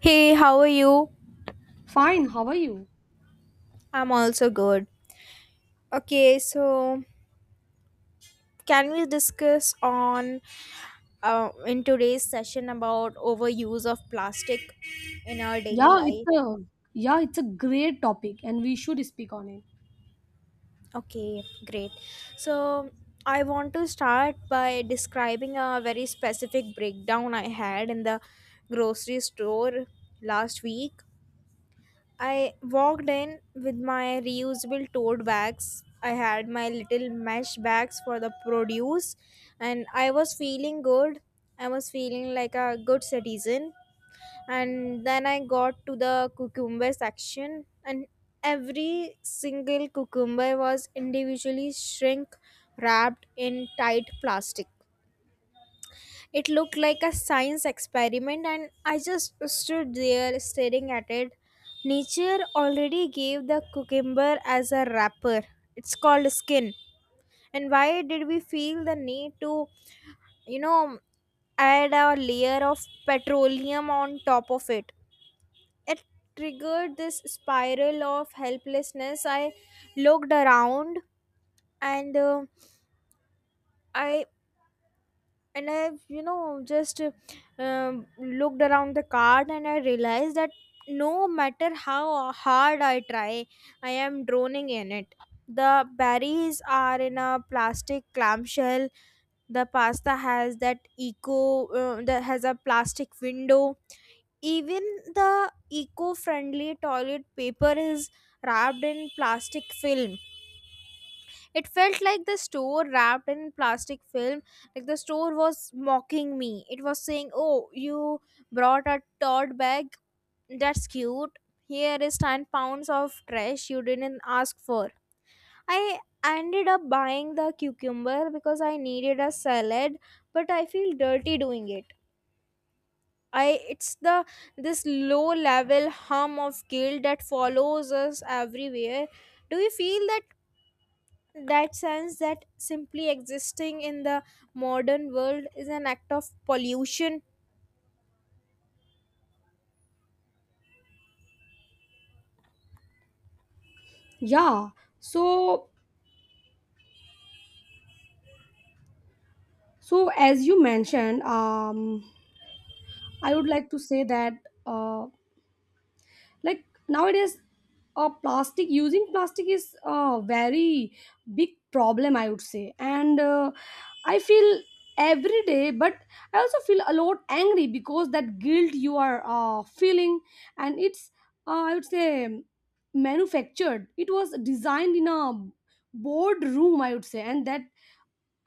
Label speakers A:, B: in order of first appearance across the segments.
A: Hey, how are you?
B: Fine, how are you?
A: I'm also good. Okay, so can we discuss on in today's session about overuse of plastic in our daily
B: Yeah, it's
A: life?
B: a yeah, it's a great topic and we should speak on it.
A: Okay, great. So I want to start by describing a very specific breakdown I had in the grocery store last week. I walked in with my reusable tote bags. I had my little mesh bags for the produce, and I was feeling good. I was feeling like a good citizen. And then I got to the cucumber section, and every single cucumber was individually shrink wrapped in tight plastic. It looked like a science experiment, and I just stood there staring at it. Nature already gave the cucumber as a wrapper. It's called skin. And why did we feel the need to, you know, add a layer of petroleum on top of it? It triggered this spiral of helplessness. I looked around and uh, I and I've you know just looked around the cart, and I realized that no matter how hard I try, I am droning in it. The berries are in a plastic clamshell. The pasta has that has a plastic window. Even the eco-friendly toilet paper is wrapped in plastic film. It felt like the store wrapped in plastic film, like the store was mocking me. It was saying, "Oh, you brought a tote bag? That's cute. Here is 10 pounds of trash you didn't ask for." I ended up buying the cucumber because I needed a salad, but I feel dirty doing it. I it's the This low level hum of guilt that follows us everywhere. Do you feel that that sense that simply existing in the modern world is an act of pollution?
B: Yeah. So so as you mentioned, I would like to say that uh like nowadays plastic using plastic is a very big problem, I would say, and I feel every day. But I also feel a lot angry because that guilt you are feeling, and it's I would say manufactured. It was designed in a board room, I would say, and that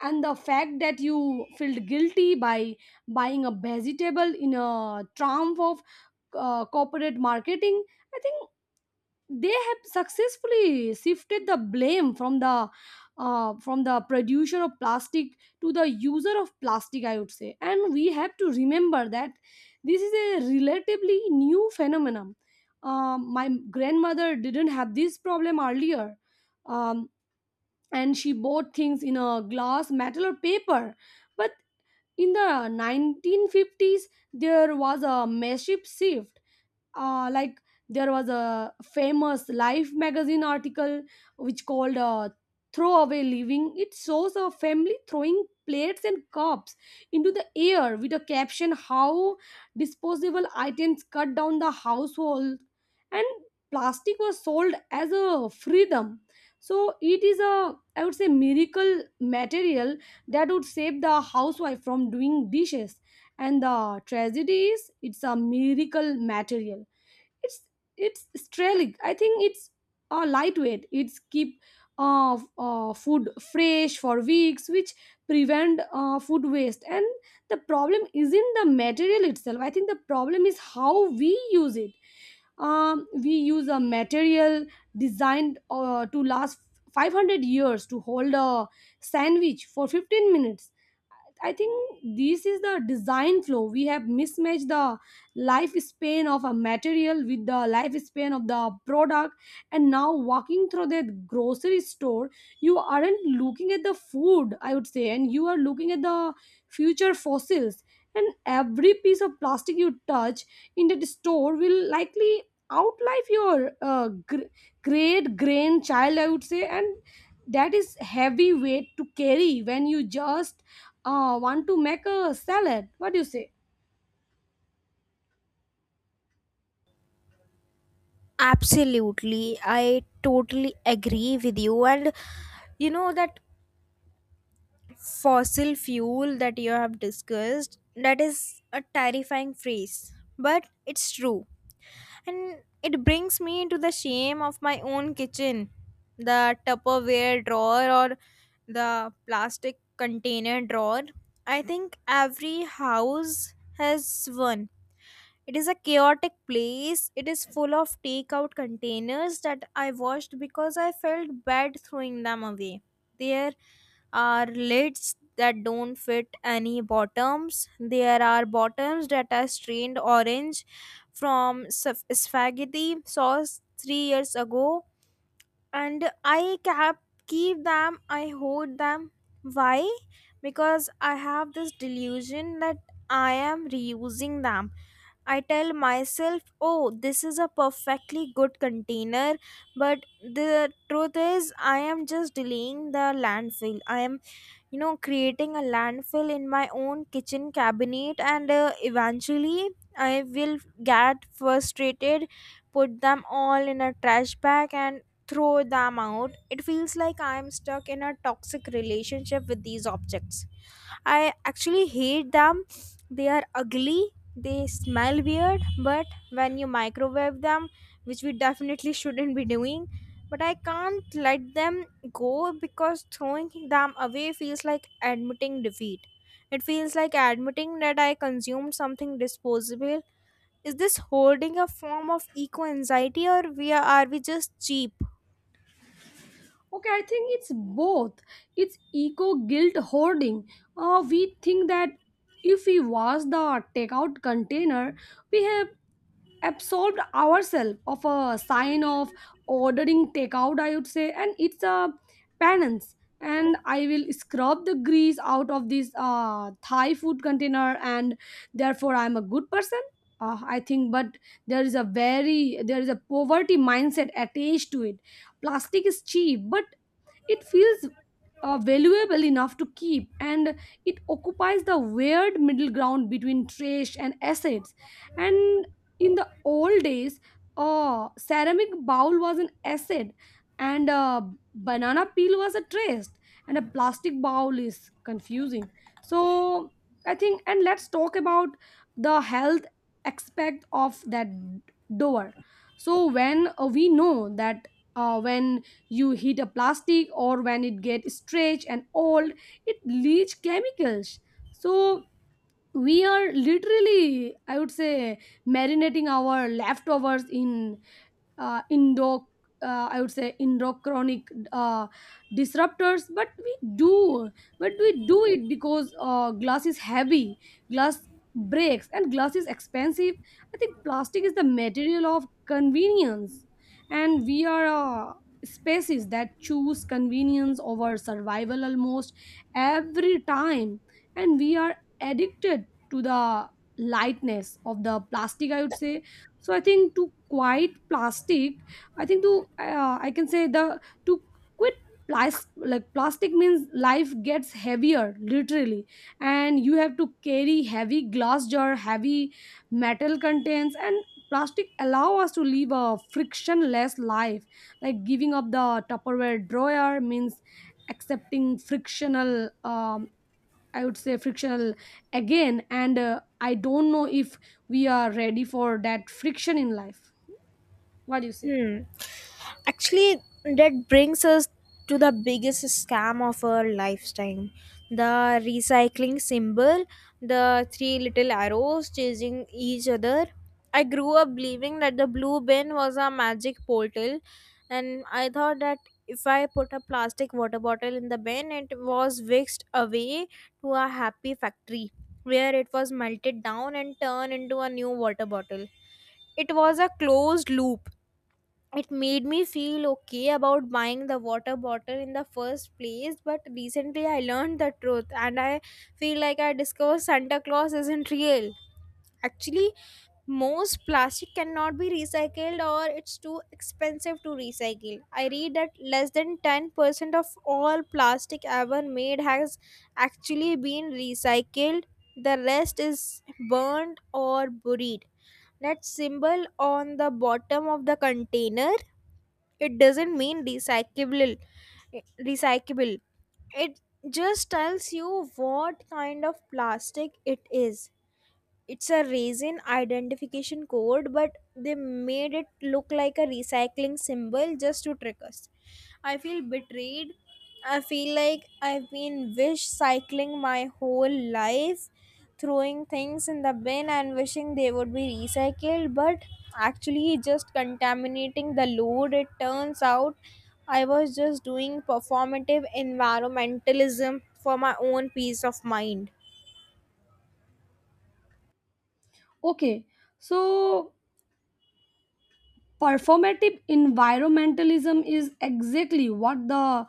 B: and the fact that you felt guilty by buying a vegetable, in a triumph of corporate marketing. I think they have successfully shifted the blame from the producer of plastic to the user of plastic, I would say. And we have to remember that this is a relatively new phenomenon. My grandmother didn't have this problem earlier. um, and she bought things in a glass, metal, or paper. But in the 1950s, there was a massive shift, like there was a famous Life magazine article which called throwaway living. It shows a family throwing plates and cups into the air with a caption how disposable items cut down the household. And plastic was sold as a freedom, so it is a, I would say, miracle material that would save the housewife from doing dishes. And the tragedy is it's a miracle material. it's it's sterling, I think. It's lightweight, it's keep food fresh for weeks, which prevent food waste. And the problem isn't the material itself. I think the problem is how we use it. We use a material designed to last 500 years to hold a sandwich for 15 minutes. I think this is the design flow. We have mismatched the lifespan of a material with the lifespan of the product. And now, walking through that grocery store, you aren't looking at the food, I would say, and you are looking at the future fossils. And every piece of plastic you touch in that store will likely outlive your great grandchild, I would say. And that is heavy weight to carry when you just want to make a salad. What do you say?
A: Absolutely, I totally agree with you, and you know that fossil fuel that you have discussed, that is a terrifying phrase, but it's true. And it brings me to the shame of my own kitchen, the Tupperware drawer, or the plastic container drawer. I think every house has one. It is a chaotic place. It is full of takeout containers that I washed because I felt bad throwing them away. There are lids that don't fit any bottoms. There are bottoms that are strained orange from spaghetti sauce 3 years ago, and I kept keep them. I hoard them. Why? Because I have this delusion that I am reusing them. I tell myself, "Oh, this is a perfectly good container," but the truth is, I am just delaying the landfill. I am, creating a landfill in my own kitchen cabinet, and eventually I will get frustrated, put them all in a trash bag, and throw them out. It feels like I am stuck in a toxic relationship with these objects. I actually hate them. They are ugly, they smell weird, but when you microwave them, which we definitely shouldn't be doing, but I can't let them go because throwing them away feels like admitting defeat. It feels like admitting that I consumed something disposable. Is this holding a form of eco anxiety, or are we just cheap?
B: Okay, I think it's both. It's eco guilt hoarding. We think that if we wash the takeout container, we have absolved ourselves of a sign of ordering takeout, I would say, and it's a penance. And I will scrub the grease out of this Thai food container, and therefore I'm a good person. I think, but there is a poverty mindset attached to it. Plastic is cheap, but it feels valuable enough to keep, and it occupies the weird middle ground between trash and assets. And in the old days, a ceramic bowl was an asset, and a banana peel was a trash, and a plastic bowl is confusing. So I think and let's talk about the health aspect of that door. So when we know that when you hit a plastic or when it gets stretched and old, it leach chemicals. So we are literally, I would say, marinating our leftovers in indo I would say endocrinic disruptors. But we do it because glass is heavy, glass breaks, and glass is expensive. I think plastic is the material of convenience, and we are a species that choose convenience over survival almost every time, and we are addicted to the lightness of the plastic, I would say. So I think to quite plastic, I think to I can say the to quit plastic, like plastic means life gets heavier literally, and you have to carry heavy glass jar, heavy metal contents. And plastic allow us to live a frictionless life. Like giving up the tupperware drawer means accepting frictional, um, I would say frictional again. And I don't know if we are ready for that friction in life. What do you say?
A: Hmm. Actually, that brings us to the biggest scam of our lifetime, the recycling symbol, the three little arrows chasing each other. I grew up believing that the blue bin was a magic portal, and I thought that if I put a plastic water bottle in the bin, it was whisked away to a happy factory where it was melted down and turned into a new water bottle. It was a closed loop. It made me feel okay about buying the water bottle in the first place, but recently I learned the truth, and I feel like I discovered Santa Claus isn't real. Actually, most plastic cannot be recycled, or it's too expensive to recycle. I read that less than 10% of all plastic ever made has actually been recycled. The rest is burned or buried. That symbol on the bottom of the container, it doesn't mean recyclable. It just tells you what kind of plastic it is. It's a resin identification code, but they made it look like a recycling symbol just to trick us. I feel betrayed. I feel like I've been wish cycling my whole life, throwing things in the bin and wishing they would be recycled, but actually just contaminating the load. It turns out I was just doing performative environmentalism for my own peace of mind.
B: Okay, so performative environmentalism is exactly what the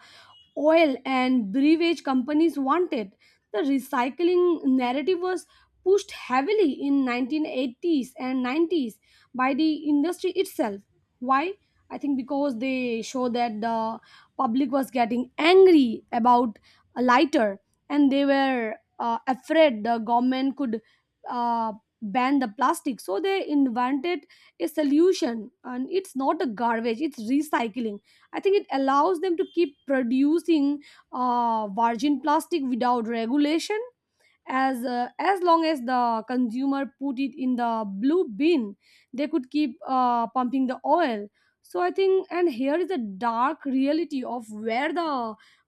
B: oil and beverage companies wanted. The recycling narrative was pushed heavily in 1980s and 90s by the industry itself. Why? I think because they show that the public was getting angry about a lighter, and they were afraid the government could uh, ban the plastic. So they invented a solution, and it's not a garbage, it's recycling. I think it allows them to keep producing virgin plastic without regulation. As as long as the consumer put it in the blue bin, they could keep pumping the oil. So I think and here is the dark reality of where the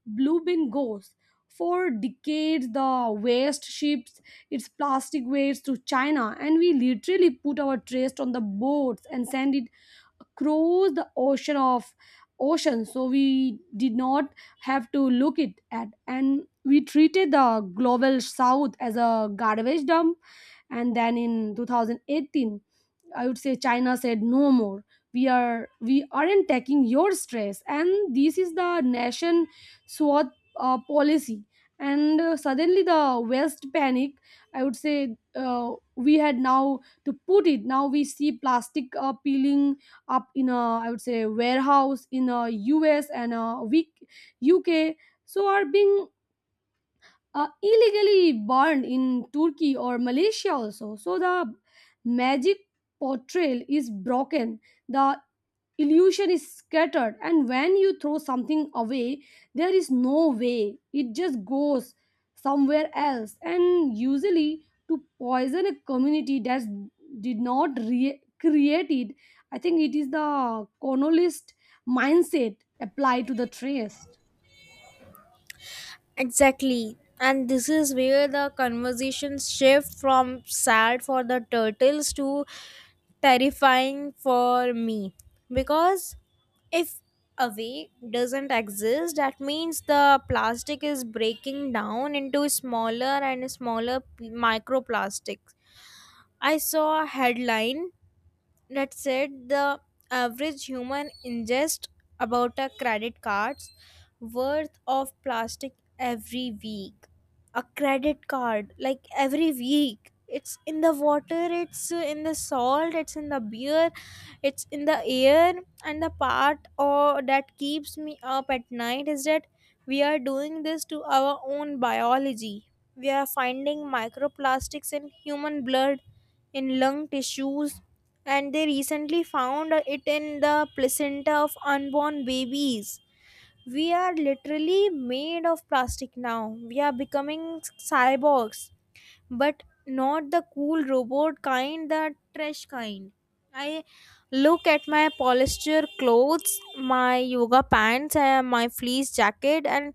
B: blue bin goes. For decades, the waste ships its plastic waste to China, and we literally put our trash on the boats and send it across the ocean of ocean so we did not have to look it at. And we treated the global south as a garbage dump. And then in 2018, I would say, China said no more. We aren't taking your stress, and this is the nation swat policy. And suddenly the west panic, I would say. We had now to put it, now we see plastic peeling up in a, I would say, warehouse in a US and a week UK. So are being illegally burned in Turkey or Malaysia also. So the magic portrayal is broken, the illusion is scattered, and when you throw something away, there is no way, it just goes somewhere else, and usually to poison a community that did not create it. I think it is the colonialist mindset applied to the trace.
A: Exactly. And this is where the conversations shift from sad for the turtles to terrifying for me, because if away doesn't exist, that means the plastic is breaking down into smaller and smaller microplastics. I saw a headline that said, the average human ingests about a credit card's worth of plastic every week. A credit card, like every week. It's in the water, it's in the salt, it's in the beer, it's in the air. And the part or that keeps me up at night is that we are doing this to our own biology. We are finding microplastics in human blood, in lung tissues, and they recently found it in the placenta of unborn babies. We are literally made of plastic now. We are becoming cyborgs, but not the cool robot kind, the trash kind. I look at my polyester clothes, my yoga pants, and my fleece jacket, and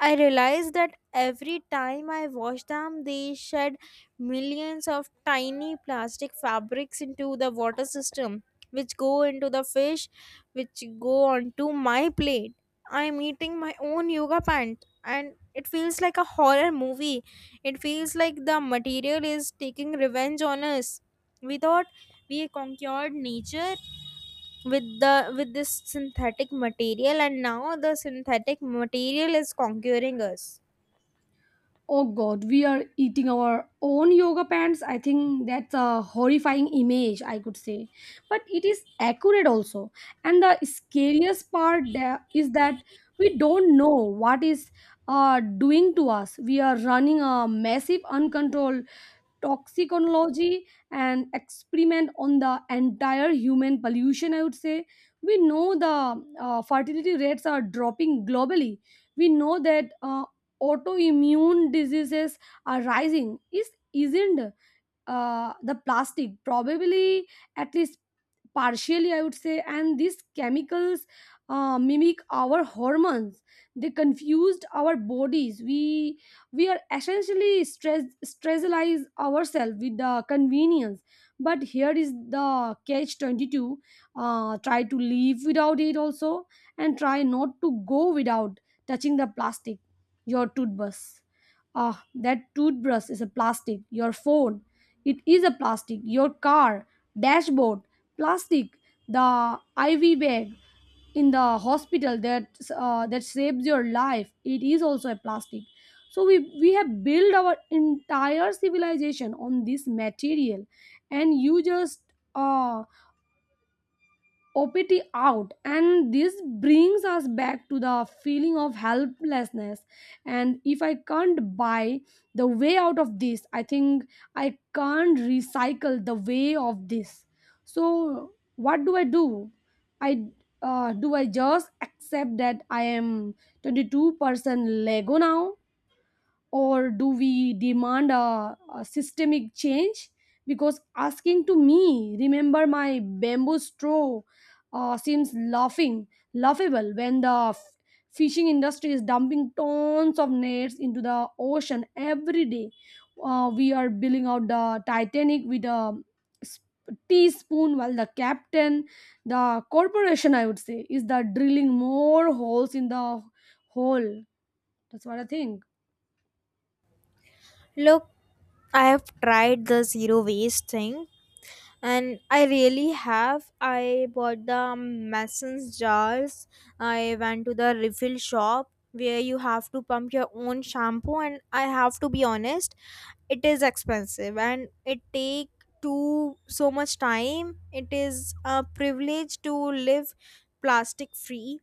A: I realize that every time I wash them, they shed millions of tiny plastic fabrics into the water system, which go into the fish, which go onto my plate. I'm eating my own yoga pant, and it feels like a horror movie. It feels like the material is taking revenge on us. We thought we conquered nature with this synthetic material, and now the synthetic material is conquering us.
B: Oh god, we are eating our own yoga pants. I think that's a horrifying image, I could say. But it is accurate also. And the scariest part there is that we don't know what is doing to us. We are running a massive, uncontrolled toxiconology and experiment on the entire human pollution, I would say. We know the fertility rates are dropping globally. We know that autoimmune diseases are rising. Is isn't uh, the plastic probably at least partially, I would say. And these chemicals mimic our hormones, they confused our bodies. We are essentially stressalize ourselves with the convenience. But here is the catch 22. Try to live without it also, and try not to go without touching the plastic. Your toothbrush, ah that toothbrush is a plastic. Your phone, it is a plastic. Your car dashboard, plastic. The IV bag in the hospital that that saves your life, it is also a plastic. So we have built our entire civilization on this material, and you just uh, OPT out, and this brings us back to the feeling of helplessness. And if I can't buy the way out of this, I think I can't recycle the way of this. So, what do I do? I do I just accept that I am 22% Lego now? Or do we demand a systemic change? Because asking to me remember my bamboo straw seems laughing laughable when the fishing industry is dumping tons of nets into the ocean every day. We are billing out the titanic with a s- teaspoon while the captain, the corporation, I would say, is the drilling more holes in the hole. That's what I think.
A: Look, I have tried the zero waste thing, and I really have. I bought the Mason's jars. I went to the refill shop where you have to pump your own shampoo, and I have to be honest, it is expensive and it take too so much time. It is a privilege to live plastic free.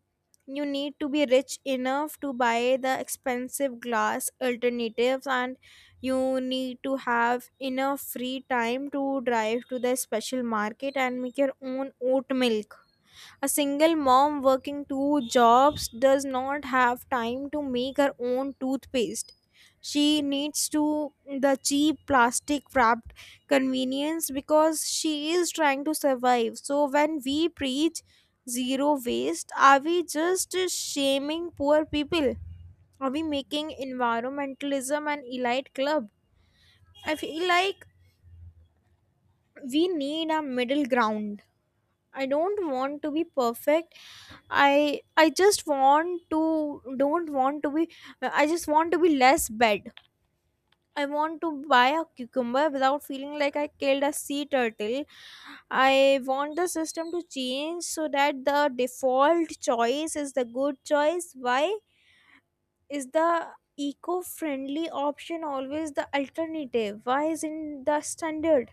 A: You need to be rich enough to buy the expensive glass alternatives, and you need to have enough free time to drive to the special market and make your own oat milk. A single mom working two jobs does not have time to make her own toothpaste. She needs to the cheap plastic wrapped convenience because she is trying to survive. So when we preach zero waste, are we just shaming poor people? Are we making environmentalism an elite club? I feel like we need a middle ground. I don't want to be perfect. I just want to don't want to be I just want to be less bad. I want to buy a cucumber without feeling like I killed a sea turtle. I want the system to change so that the default choice is the good choice. Why is the eco-friendly option always the alternative? Why isn't the standard?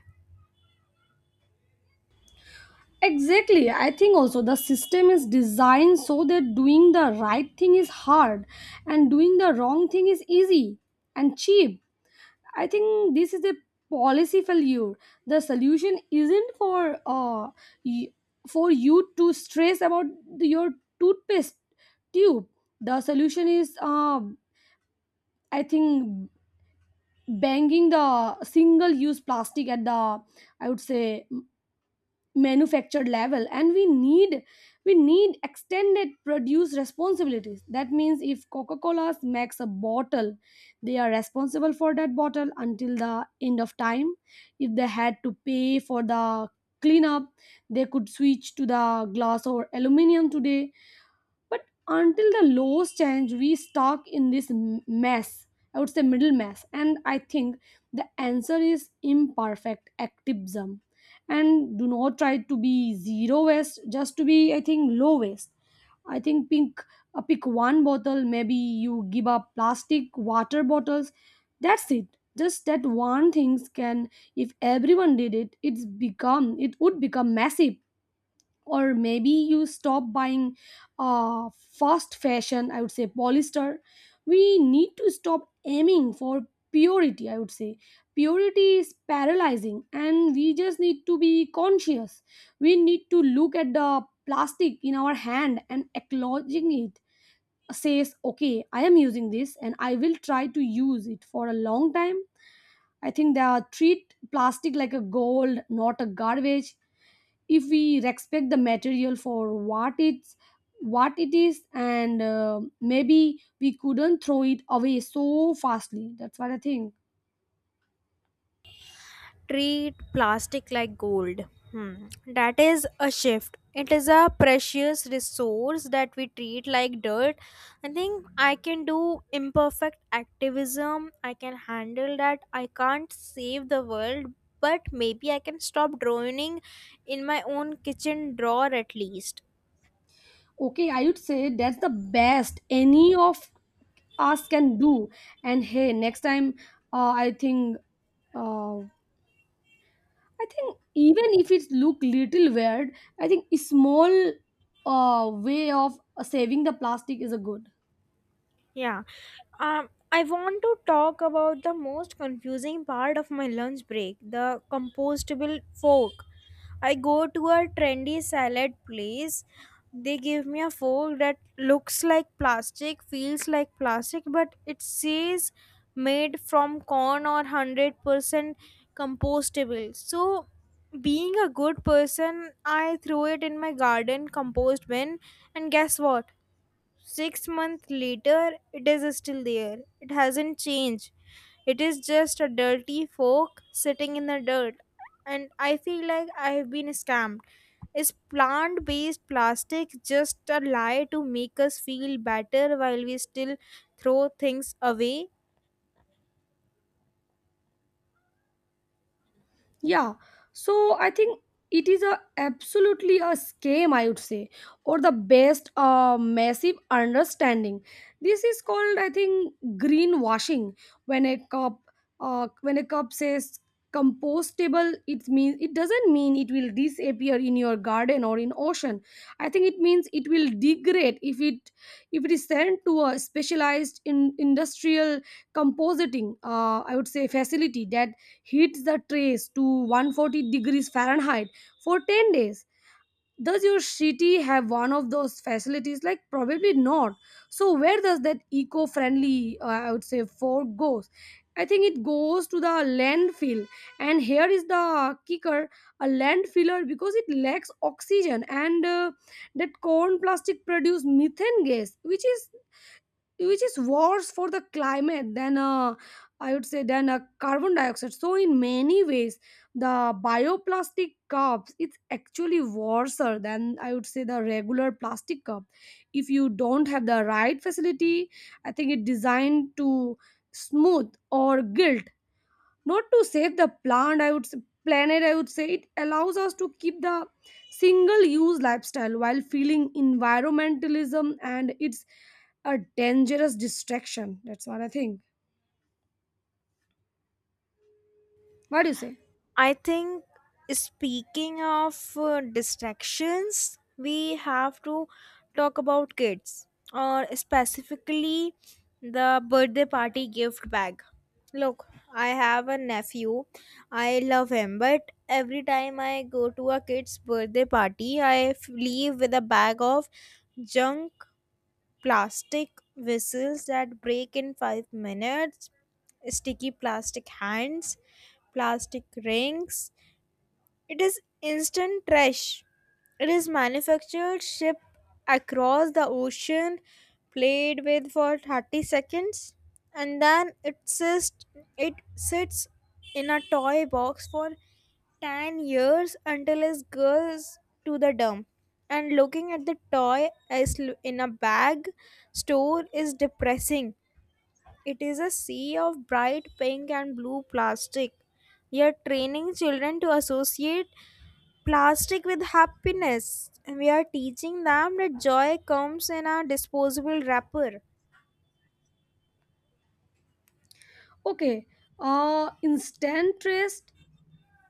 B: Exactly. I think also the system is designed so that doing the right thing is hard and doing the wrong thing is easy and cheap. I think this is a policy failure. The solution isn't for y- for you to stress about your toothpaste tube. The solution is I think banging the single use plastic at the I would say manufactured level, and we need extended produce responsibilities. That means if coca-cola makes a bottle, they are responsible for that bottle until the end of time. If they had to pay for the cleanup, they could switch to the glass or aluminum today. But until the laws change, we stuck in this mess, I would say middle mess. And I think the answer is imperfect activism, and do not try to be zero waste, just to be I think low waste. I think pick one bottle, maybe you give up plastic water bottles. That's it. Just that one things can, if everyone did it, it's become it would become massive. Or maybe you stop buying fast fashion, I would say polyester. We need to stop aiming for purity, I would say. Purity is paralyzing, and we just need to be conscious. We need to look at the plastic in our hand and acknowledging it, says okay, I am using this and I will try to use it for a long time. I think they are treat plastic like a gold, not a garbage. If we respect the material for what it is, and maybe we couldn't throw it away so fastly. That's what I think.
A: Treat plastic like gold. Hmm. That is a shift. It is a precious resource that we treat like dirt. I think I can do imperfect activism. I can handle that. I can't save the world, but maybe I can stop drowning in my own kitchen drawer at least.
B: Okay, I would say that's the best any of us can do. And hey, next time, uh, i think I think even if it look little weird, I think a small way of saving the plastic is a good.
A: Yeah. I want to talk about the most confusing part of my lunch break, the compostable fork. I go to a trendy salad place. They give me a fork that looks like plastic, feels like plastic, but it says made from corn or 100% compostable. So, being a good person, I throw it in my garden compost bin, and guess what? 6 months later, it is still there. It hasn't changed. It is just a dirty fork sitting in the dirt, and I feel like I have been scammed. Is plant based plastic just a lie to make us feel better while we still throw things away?
B: Yeah, so I think it is a absolutely a scam, I would say, or the best massive understanding. This is called, I think, greenwashing. When a cup, when a cup says compostable, it means it doesn't mean it will disappear in your garden or in ocean. I think it means it will degrade if it is sent to a specialized in industrial compositing, I would say, facility that heat the trace to 140 degrees Fahrenheit for 10 days. Does your city have one of those facilities? Like, probably not. So, where does that eco friendly, I would say, fork goes? I think it goes to the landfill. And here is the kicker, a landfiller because it lacks oxygen, and that corn plastic produce methane gas, which is worse for the climate than I would say than carbon dioxide. So in many ways, the bioplastic cups it's actually worse than I would say the regular plastic cup if you don't have the right facility. I think it designed to smooth or guilt, not to save the plant I would say, planet, I would say. It allows us to keep the single use lifestyle while feeling environmentalism, and it's a dangerous distraction. That's what I think. What do you say?
A: I think, speaking of distractions, we have to talk about kids, or specifically the birthday party gift bag. Look, I have a nephew. I love him, but every time I go to a kid's birthday party, I leave with a bag of junk, plastic whistles that break in 5 minutes, sticky plastic hands, plastic rings. It is instant trash. It is manufactured, shipped across the ocean, played with for 30 seconds, and then it sits in a toy box for 10 years until it goes to the dump. And looking at the toy in a bag store is depressing. It is a sea of bright pink and blue plastic. We are training children to associate plastic with happiness. We are teaching them that joy comes in a disposable wrapper.
B: Okay, instant rest,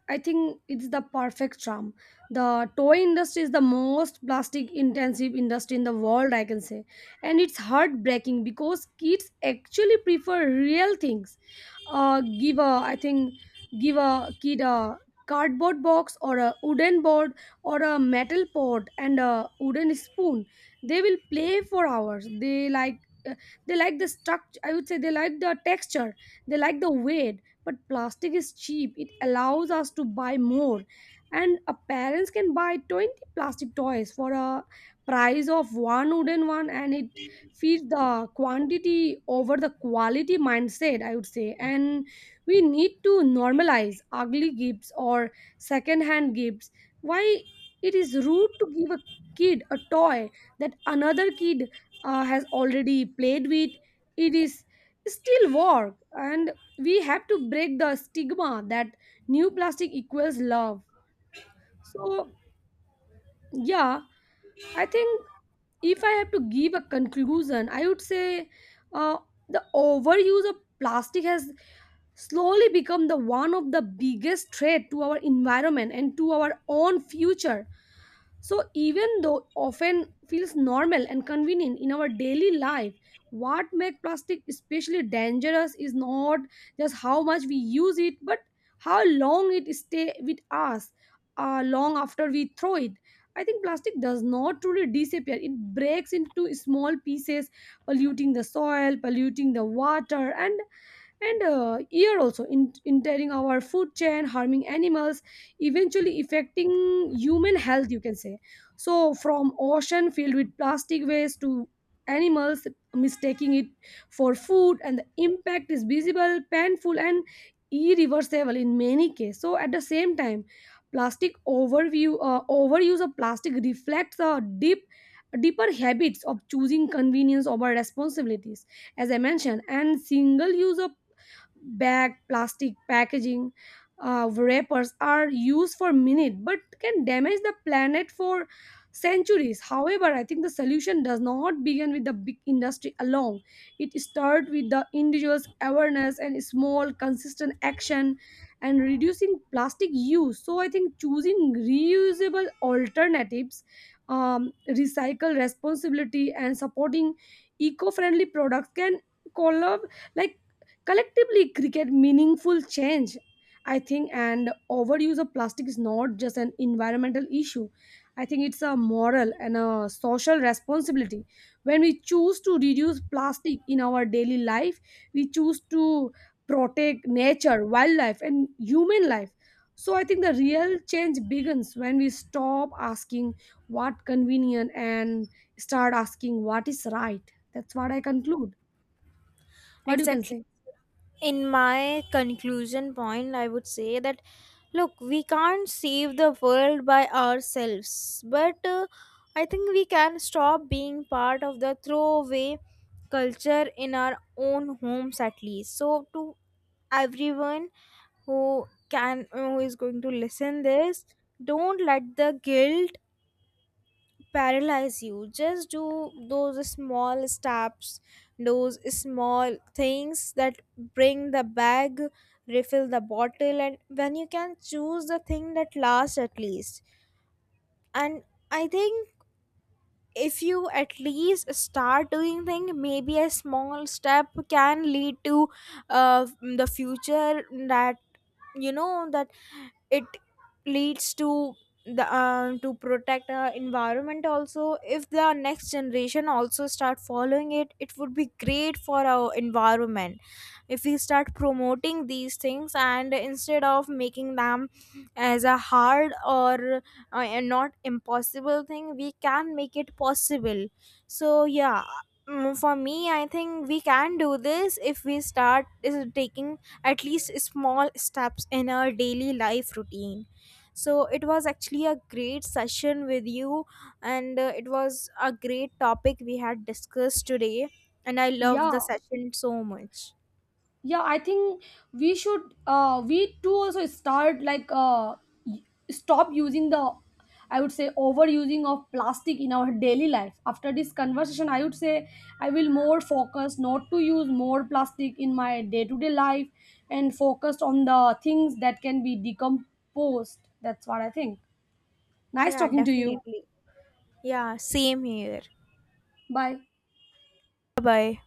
B: I think it's the perfect charm. The toy industry is the most plastic intensive industry in the world, I can say. And it's heartbreaking because kids actually prefer real things. Uh, give a, I think, give a kid a cardboard box or a wooden board or a metal pot and a wooden spoon. They will play for hours. They like. uh, They like the structure. I would say they like the texture. They like the weight. But plastic is cheap. It allows us to buy more. And a parents can buy 20 plastic toys for a price of one wooden one, and it feeds the quantity over the quality mindset, I would say. And we need to normalize ugly gifts or second-hand gifts. Why it is rude to give a kid a toy that another kid has already played with. It is still work, and we have to break the stigma that new plastic equals love. So yeah, I think if I have to give a conclusion, I would say uh, the overuse of plastic has slowly become the one of the biggest threat to our environment and to our own future. So, even though often feels normal and convenient in our daily life, what makes plastic especially dangerous is not just how much we use it, but how long it stay with us long after we throw it. I think plastic does not truly disappear. It breaks into small pieces, polluting the soil, polluting the water, and year also in, entering our food chain, harming animals, eventually affecting human health, you can say. So from ocean filled with plastic waste to animals mistaking it for food, and the impact is visible, painful, and irreversible in many cases. So at the same time, plastic overview overuse of plastic reflects a deeper habits of choosing convenience over responsibilities, as I mentioned. And single use of bag, plastic packaging, wrappers are used for minute but can damage the planet for centuries. However, I think the solution does not begin with the big industry alone. It starts with the individual's awareness and small, consistent action and reducing plastic use. So I think choosing reusable alternatives, recycle responsibility, and supporting eco-friendly products can collab like collectively, cricket meaningful change, I think. And overuse of plastic is not just an environmental issue. I think it's a moral and a social responsibility. When we choose to reduce plastic in our daily life, we choose to protect nature, wildlife, and human life. So I think the real change begins when we stop asking what convenient and start asking what is right. That's what I conclude. What you can
A: Exactly.
B: say?
A: In my conclusion point, I would say that, look, we can't save the world by ourselves, but I think we can stop being part of the throwaway culture in our own homes at least. So, to everyone who is going to listen this, don't let the guilt paralyze you. Just do those small steps, those small things, that bring the bag, refill the bottle, and when you can, choose the thing that lasts at least. And I think if you at least start doing thing, maybe a small step can lead to uh, the future, that, that it leads to the to protect our environment also. If the next generation also start following it, it would be great for our environment if we start promoting these things, and instead of making them as a hard or not impossible thing, we can make it possible. So, yeah. For me, I think we can do this if we start is taking at least small steps in our daily life routine. So it was actually a great session with you, and it was a great topic we had discussed today, and I loved
B: Yeah.
A: the session so much.
B: Yeah, I think we should we too also start like y- stop using the I would say overusing of plastic in our daily life. After this conversation, I would say I will more focus not to use more plastic in my day-to-day life and focused on the things that can be decomposed. That's what I think. Nice
A: Yeah,
B: talking to you.
A: definitely. Yeah, same here.
B: Bye.
A: Bye bye.